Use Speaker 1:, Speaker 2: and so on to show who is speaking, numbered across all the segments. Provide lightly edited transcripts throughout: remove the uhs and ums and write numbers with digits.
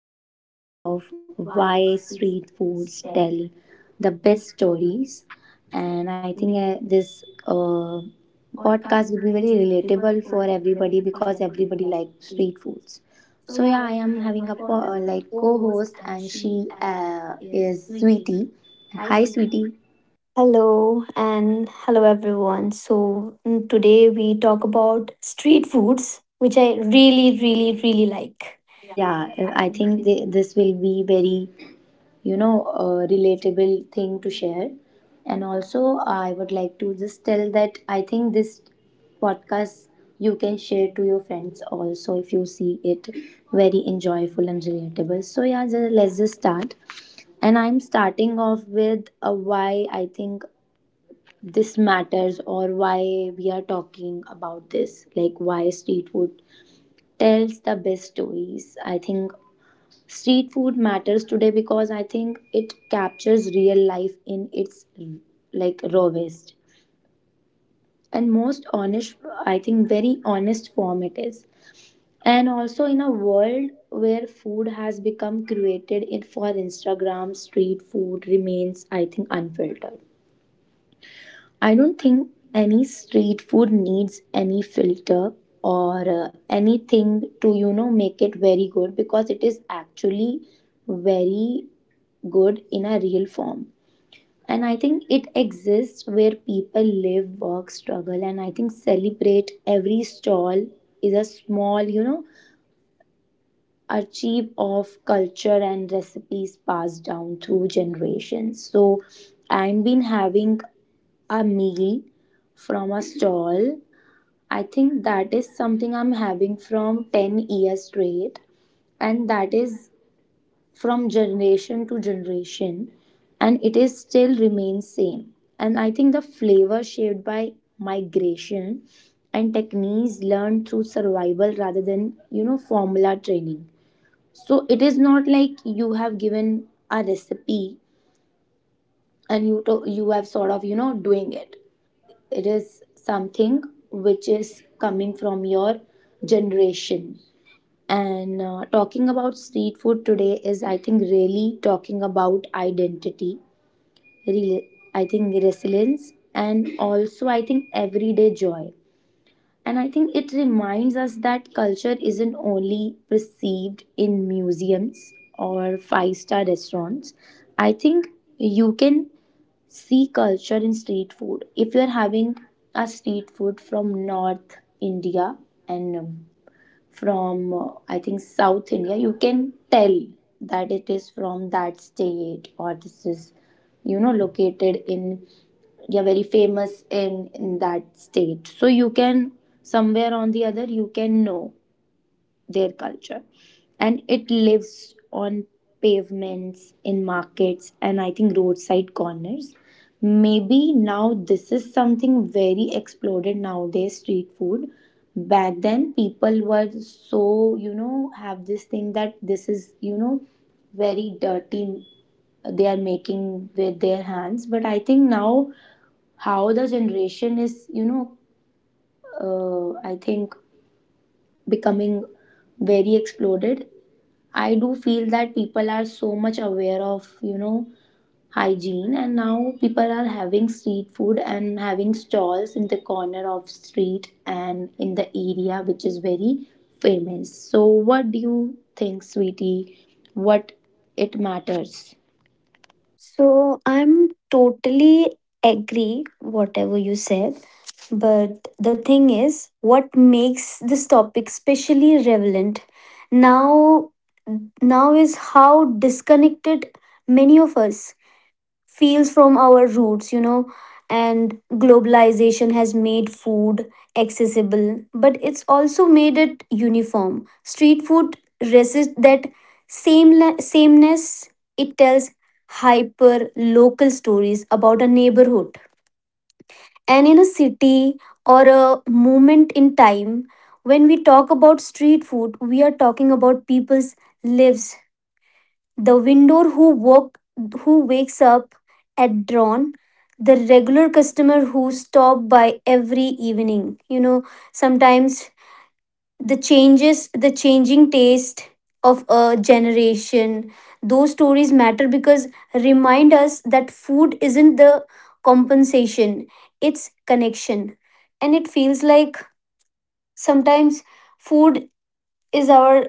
Speaker 1: on the topic of why street foods tell the best stories. And I think this podcast will be very relatable for everybody because everybody likes street foods. So, yeah, I am having a like co host, and she is Sweetie. Hi, Sweetie.
Speaker 2: Hello and hello everyone. So today we talk about street foods, which I really, really, really like.
Speaker 1: Yeah,
Speaker 2: I
Speaker 1: I
Speaker 2: think
Speaker 1: think
Speaker 2: they-
Speaker 1: this will be very a relatable thing to share, and also I would like to just tell that I think this podcast you can share to your friends also. If you see it very enjoyable and relatable, so yeah, let's just start. And I'm starting off with why I think this matters or why we are talking about this, like why street food tells the best stories. I think street food matters today because I think it captures real life in its like rawest and most honest, I think very honest form it is. And also in a world where food has become created in for Instagram, street food remains, I think, unfiltered. I don't think any street food needs any filter or anything to make it very good, because it is actually very good in a real form. And I think it exists where people live, work, struggle, and I think celebrate. Every stall is a small, achieve of culture and recipes passed down through generations. So I've been having a meal from a stall. I think that is something I'm having from 10 years straight, and that is from generation to generation, and it is still remains same. And I think the flavor shaped by migration and techniques learned through survival rather than formula training. So it is not like you have given a recipe and you have sort of doing it. It is something which is coming from your generation. And talking about street food today is, I think, really talking about identity, really, I think, resilience, and also, I think, everyday joy. And I think it reminds us that culture isn't only perceived in museums or five-star restaurants. I think you can see culture in street food. If you're having a street food from North India and from I think South India, you can tell that it is from that state, or this is located in, yeah, very famous in that state. So you can somewhere on the other you can know their culture. And it lives on pavements, in markets, and I think roadside corners. Maybe now this is something very exploded nowadays, street food. Back then people were so have this thing that this is very dirty, they are making with their hands. But I think now how the generation is, I think, becoming very exploded. I do feel that people are so much aware of, hygiene, and now people are having street food and having stalls in the corner of street and in the area which is very famous. So what do you think, Sweetie? What it matters?
Speaker 2: So I'm totally agree whatever you said, but the thing is, what makes this topic especially relevant now? Now is how disconnected many of us feels from our roots, And globalization has made food accessible, but it's also made it uniform. Street food resists that same sameness. It tells hyper local stories about a neighborhood. And in a city or a moment in time, when we talk about street food, we are talking about people's lives, the window who wakes up at dawn, the regular customer who stop by every evening, sometimes the changing taste of a generation. Those stories matter because remind us that food isn't the compensation, it's connection. And it feels like sometimes food is our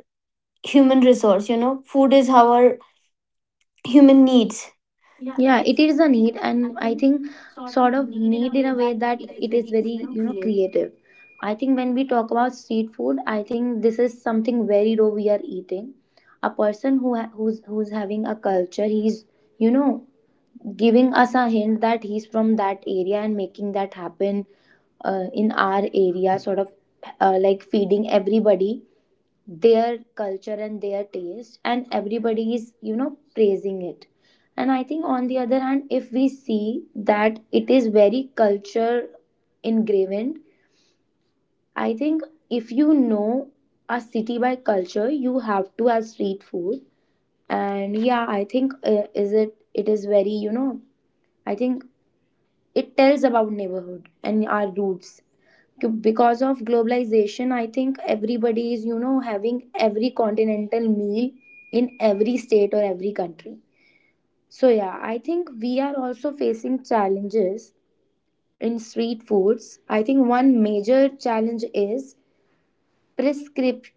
Speaker 2: human resource, food is our human needs,
Speaker 1: Yeah, it is a need, and I think sort of need
Speaker 2: a
Speaker 1: in
Speaker 2: way
Speaker 1: a way
Speaker 2: that
Speaker 1: that
Speaker 2: it is
Speaker 1: it is very,
Speaker 2: very creative.
Speaker 1: creative. I think when we talk about street food, I think this is something very raw we are eating. A person who's having a culture, he's you know giving us a hint that he's from that area and making that happen in our area, sort of, like feeding everybody their culture and their taste, and everybody is praising it. And I think on the other hand, if we see that, it is very culture ingrained. I think if a city by culture, you have to have street food. And yeah, I think is it it is very, I think, it tells about neighborhood and our roots. Because of globalization, I think everybody is having every continental meal in every state or every country. So yeah, I think we are also facing challenges in street foods. I think one major challenge is prescrip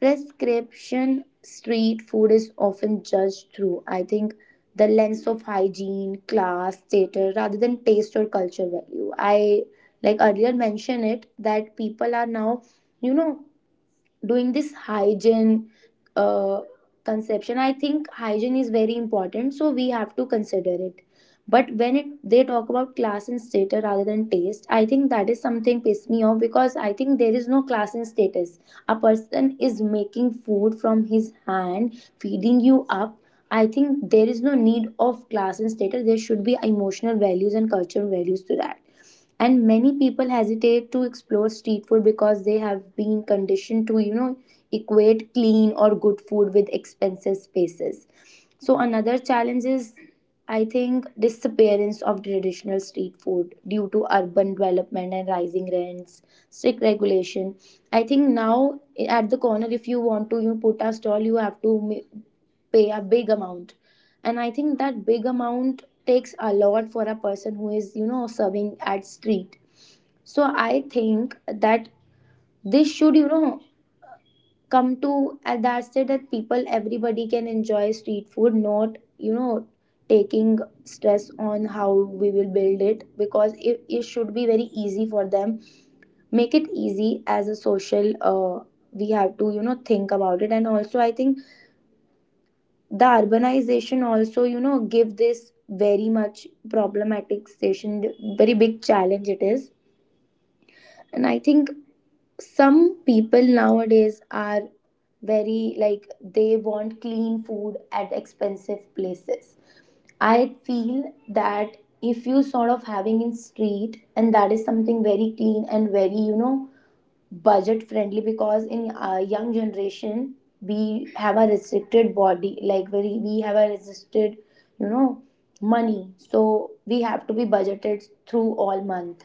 Speaker 1: prescription. Street food is often judged through, I think, the lens of hygiene, class, status, rather than taste or culture value. I, like, earlier mentioned it, that people are now, you know, doing this hygiene uh, conception. I think hygiene is very important, so we have to consider it. But when it, they talk about class and status rather than taste, I think that is something piss me off, because I think there is no class and status. A person is making food from his hand, feeding you up. I think there is no need of class and status. There should be emotional values and cultural values to that. And many people hesitate to explore street food because they have been conditioned to equate clean or good food with expensive spaces. So another challenge is, I think, disappearance of traditional street food due to urban development and rising rents, strict regulation. I think now at the corner, if you want to you put a stall, you have to pay a big amount. And I think that big amount takes a lot for a person who is serving at street. So I think that this should come to that, say that people, everybody can enjoy street food, not taking stress on how we will build it. Because it should be very easy for them, make it easy as a social. We have to think about it. And also I think the urbanization also give this very much problematic station. Very big challenge it is. And I think some people nowadays are very like, they want clean food at expensive places. I feel that if you sort of having in street, and that is something very clean and very, budget friendly. Because in our young generation, we have a restricted body, like very, we have a restricted, you know money, so we have to be budgeted through all month.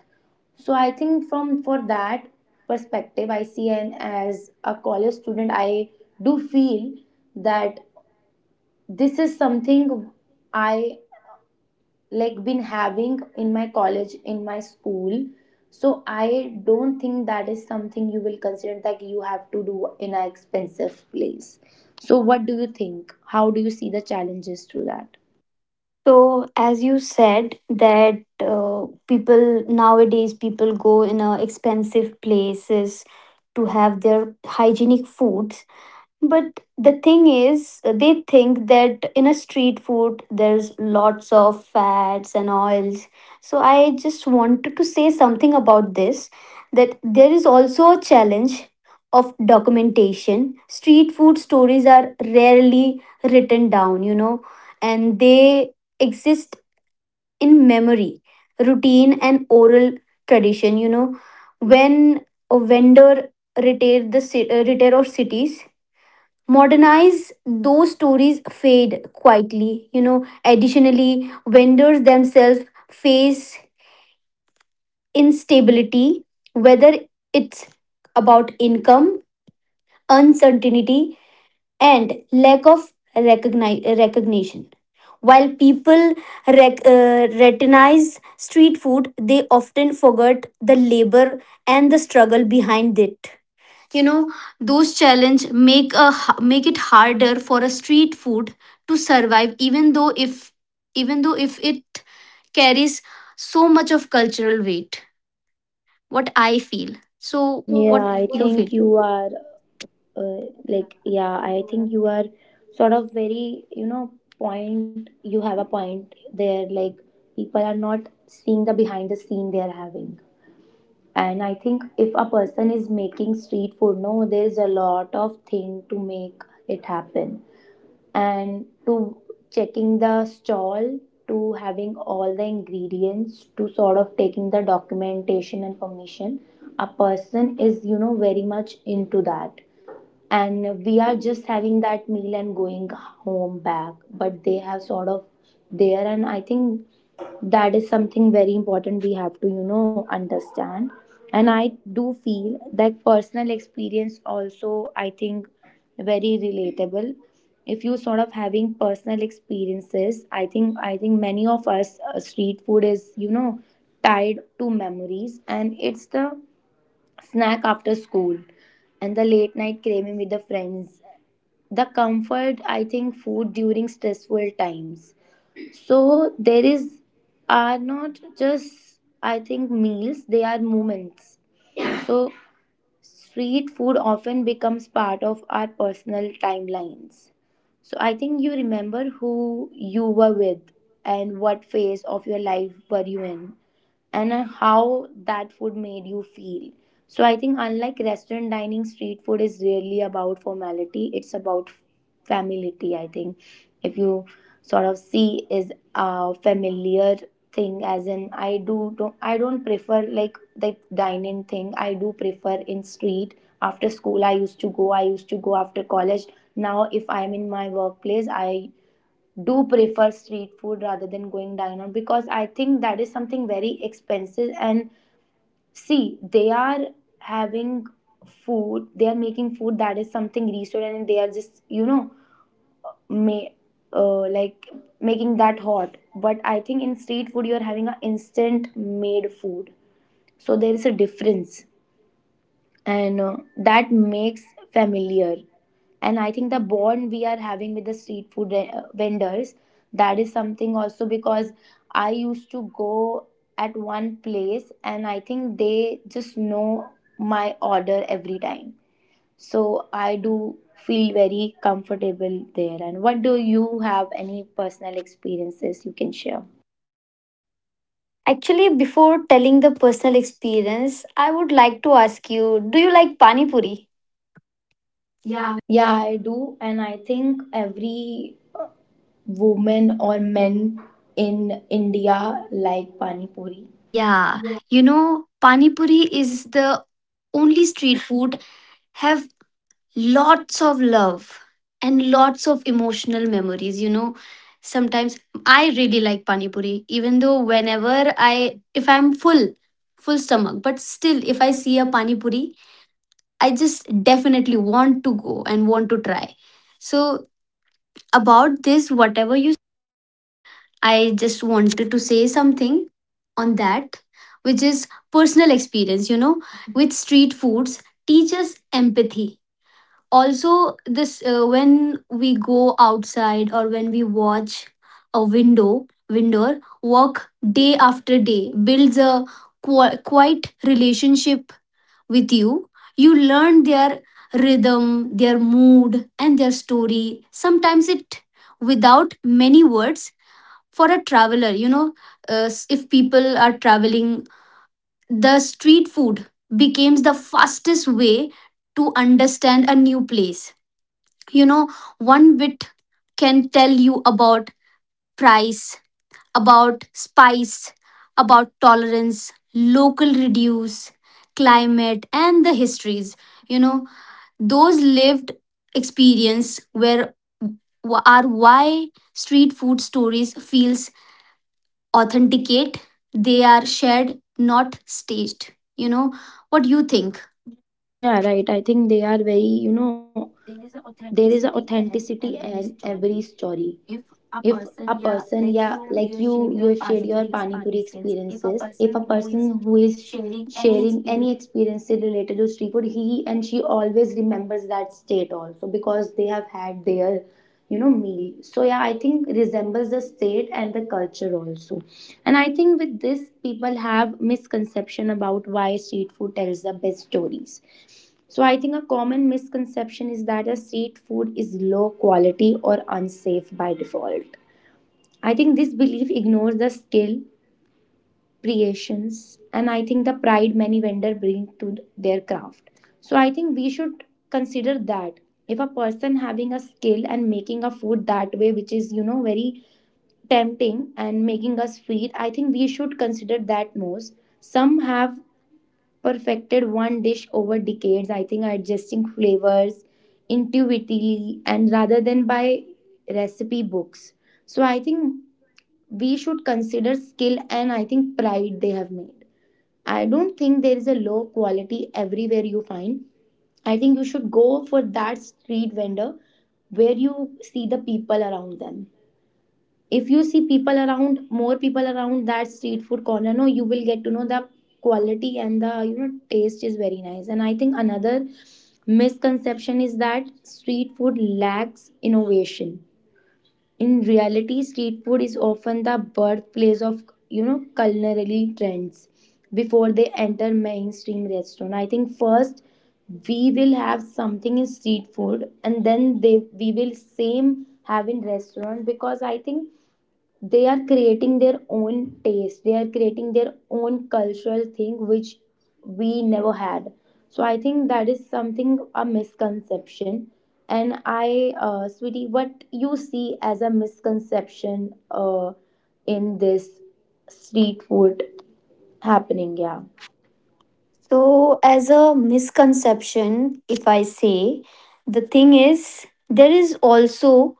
Speaker 1: So I think from for that perspective, I see. And as a college student, I do feel that this is something I like been having in my college, in my school. So I don't think that is something you will consider that you have to do in an expensive place. So what do you think, how do you see the challenges to that?
Speaker 2: So, as you said, that people nowadays, people go in expensive places to have their hygienic foods. But the thing is, they think that in a street food, there's lots of fats and oils. So I just wanted to say something about this, that there is also a challenge of documentation. Street food stories are rarely written down, and they exist in memory, routine, and oral tradition, When a vendor retail of cities modernize, those stories fade quietly, additionally vendors themselves face instability, whether it's about income uncertainty and lack of recognition. While people recognize street food, they often forget the labor and the struggle behind it, you know those challenges make make it harder for a street food to survive, even though if it carries so much of cultural weight. What I feel, so
Speaker 1: Yeah,
Speaker 2: what
Speaker 1: I
Speaker 2: you feel?
Speaker 1: think you are, like, yeah, I think you are sort of very, point, you have a point there. Like, people are not seeing the behind the scene they are having. And I think if a person is making street food, no, there's a lot of thing to make it happen, and to checking the stall, to having all the ingredients, to sort of taking the documentation and permission. A person is, very much into that. And we are just having that meal and going home back, but they have sort of there. And I think that is something very important, we have to understand. And I do feel that personal experience, also I think very relatable. If you sort of having personal experiences, I think many of us, street food is, tied to memories. And it's the snack after school, and the late night craving with the friends, the comfort, I think, food during stressful times. So there is, are not just, I think, meals, they are moments. So street food often becomes part of our personal timelines. So I think you remember who you were with, and what phase of your life were you in, and how that food made you feel. So I think unlike restaurant dining, street food is really about formality. It's about familiarity. I think if you sort of see is a familiar thing, as in I do don't I don't prefer like the dine-in thing. I do prefer in street. After school I used to go. I used to go after college. Now if I'm in my workplace, I do prefer street food rather than going dine out, because I think that is something very expensive. And see, they are having food, they are making food that is something restaurant, and they are just, you know, may, like, making that hot. But I think in street food, you are having a instant made food. So there is a difference and that makes familiar. And I think the bond we are having with the street food vendors, that is something also, because I used to go at one place and I think they just know my order every time, so I do feel very comfortable there. And what do you— have any personal experiences you can share?
Speaker 2: Actually, before telling the personal experience, I would like to ask you, do you like Pani Puri? Yeah.
Speaker 1: Yeah, I do, and I think every women or men in India like Pani Puri?
Speaker 2: Yeah, you know pani puri is the only street food have. Lots of love and lots of emotional memories, sometimes I really like pani puri, even though whenever I if I'm full, full stomach, but still if I see a pani puri, I just definitely want to go and want to try. So about this whatever you I just wanted to say something on that, which is personal experience, with street foods, teaches empathy. Also this, when we go outside or when we watch a window walk day after day builds a quite relationship with you. You learn their rhythm, their mood and their story, sometimes it without many words. For a traveler, if people are traveling, the street food becomes the fastest way to understand a new place, you know one bit can tell you about price, about spice, about tolerance, local reduce, climate and the histories, you know those lived experience where are why street food stories feels authenticate. They are shared not staged, what do you think?
Speaker 1: Yeah, right. I think they are very, you know, there is a authenticity in every story. If a person, yeah, like you have shared your pani puri experiences, if a person who is sharing any experience related to street food, he and she always remembers that state also because they have had their, you know, meal. So yeah, I think resembles the state and the culture also. And I think with this people have misconception about why street food tells the best stories. So I think a common misconception is that a street food is low quality or unsafe by default. I think this belief ignores the skill, creations, and I think the pride many vendors bring to their craft. So I think we should consider that if a person having a skill and making a food that way, which is, you know, very tempting and making us feed, I think we should consider that most. Some have perfected one dish over decades. I think adjusting flavors intuitively and rather than by recipe books. So I think we should consider skill, and I think pride they have made. I don't think there is a low quality everywhere you find. I think you should go for that street vendor where you see the people around them. If you see people around, more people around that street food corner, no, you will get to know the quality, and the, you know, taste is very nice. And I think another misconception is that street food lacks innovation. In reality, street food is often the birthplace of, you know, culinary trends before they enter mainstream restaurant. I think first we will have something in street food and then they we will same have in restaurant, because I think they are creating their own taste, they are creating their own cultural thing which we never had. So I think that is something a misconception. And I sweetie, what you see as a misconception in this street food happening, yeah?
Speaker 2: So, as a misconception, if I say, the thing is, there is also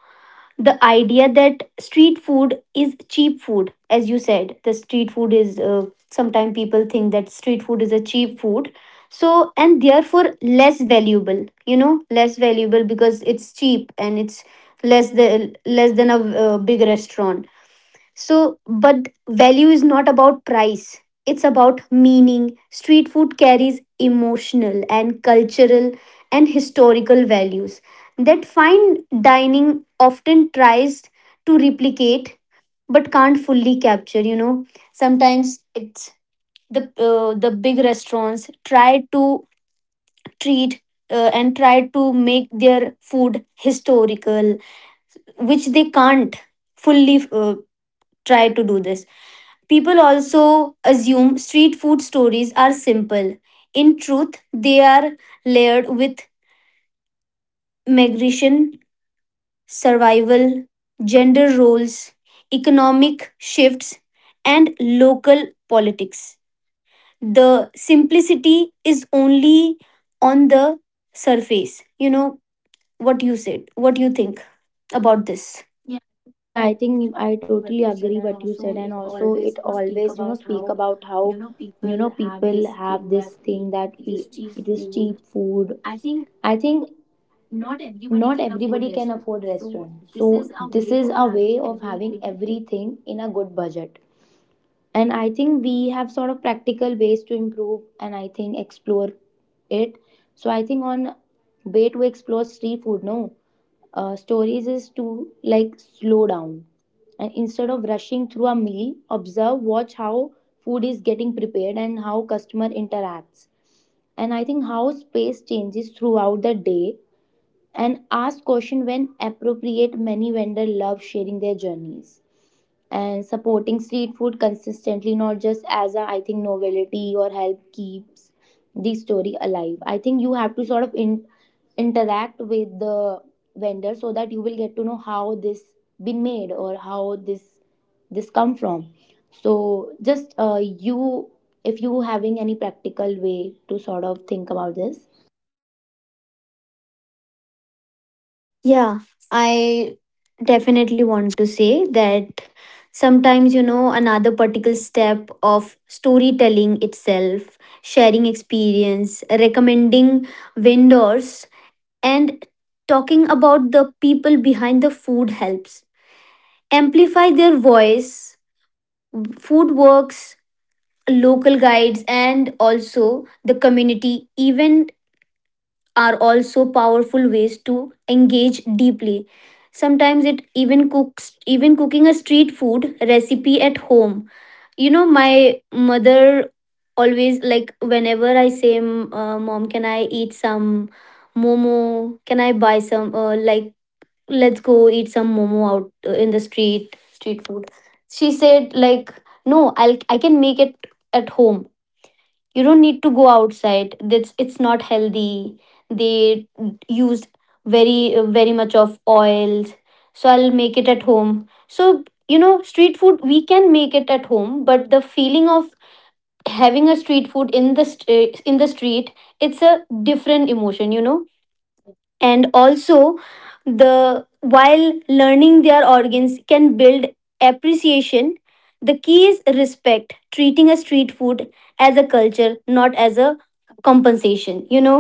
Speaker 2: the idea that street food is cheap food. As you said, the street food is, sometimes people think that street food is a cheap food. So, and therefore less valuable, you know, less valuable because it's cheap and it's less than a big restaurant. So, but value is not about price, it's about meaning. Street food carries emotional and cultural and historical values that fine dining often tries to replicate but can't fully capture, sometimes it's the big restaurants try to treat and try to make their food historical, which they can't fully try to do this. People also assume street food stories are simple. In truth, they are layered with migration, survival, gender roles, economic shifts, and local politics. The simplicity is only on the surface. You know what you said, what you think about this.
Speaker 1: Yeah, I think I totally agree what you said. And also it always, you know, speak about how, you know, people have this thing that it is cheap food. I think not everybody can afford restaurants, so this is a way of having everything in a good budget. And I think we have sort of practical ways to improve and I think explore it. So I think on way to explore street food, no, stories is to like slow down, and instead of rushing through a meal, observe, watch how food is getting prepared and how customer interacts, and I think how space changes throughout the day, and ask question when appropriate. Many vendors love sharing their journeys, and supporting street food consistently, not just as a, I think, novelty or help keeps the story alive. I think you have to sort of interact with the vendor, so that you will get to know how this been made or how this come from. So just you, if you having any practical way to sort of think about this?
Speaker 2: Yeah, I definitely want to say that sometimes, you know, another particular step of storytelling itself, sharing experience, recommending vendors, and talking about the people behind the food helps. Amplify their voice, food works, local guides, and also the community, even are also powerful ways to engage deeply. Sometimes it even cooks, even cooking a street food recipe at home. You know my mother always, like, whenever I say, Mom, can I eat some momo, can I buy some, like let's go eat some momo out, in the street, street food," she said like, "No, I can make it at home, you don't need to go outside, that's, it's not healthy, they used very, very much of oils, so I'll make it at home." So you know, street food we can make it at home, but the feeling of having a street food in the in the street, it's a different emotion, and also the while learning their organs can build appreciation. The key is respect, treating a street food as a culture, not as a compensation, you know,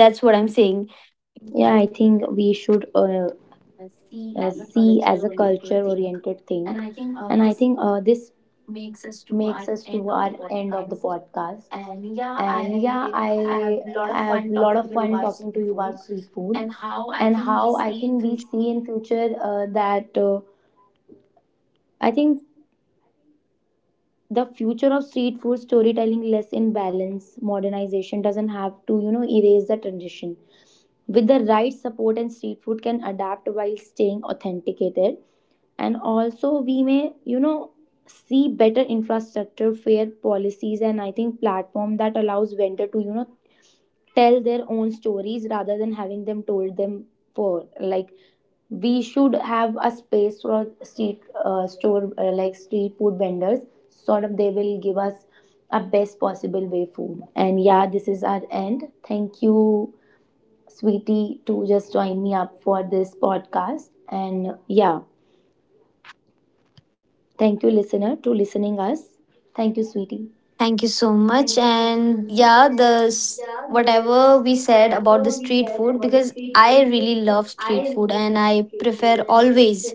Speaker 2: that's what I'm saying.
Speaker 1: Yeah, I think we should, see as a culture oriented thing. And I think, this makes us to our end of the podcast. And yeah, I have a lot of fun talking to you about street food. And how I think we see in future, that I think the future of street food storytelling less in balance, modernization doesn't have to, you know, erase the tradition. With the right support, and street food can adapt while staying authenticated. And also we may, you know, see better infrastructure, fair policies, and I think platform that allows vendor to, you know, tell their own stories rather than having them told them. For like, we should have a space for street store like street food vendors, sort of they will give us a best possible way food. And yeah, this is our end. Thank you, sweetie, to just join me up for this podcast. And yeah. Thank you, listener, to listening us. Thank you, sweetie.
Speaker 2: Thank you so much, and yeah, the whatever we said about the street food, because I really love street food and I prefer always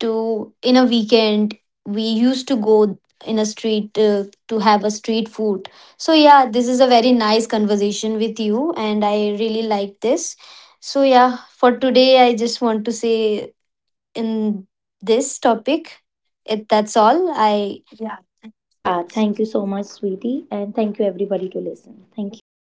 Speaker 2: to in a weekend we used to go in a street to have a street food. So yeah, this is a very nice conversation with you and I really like this. So yeah, for today I just want to say, in this topic, it, that's all I
Speaker 1: Yeah, thank you so much, sweetie, and thank you everybody to listen. Thank you.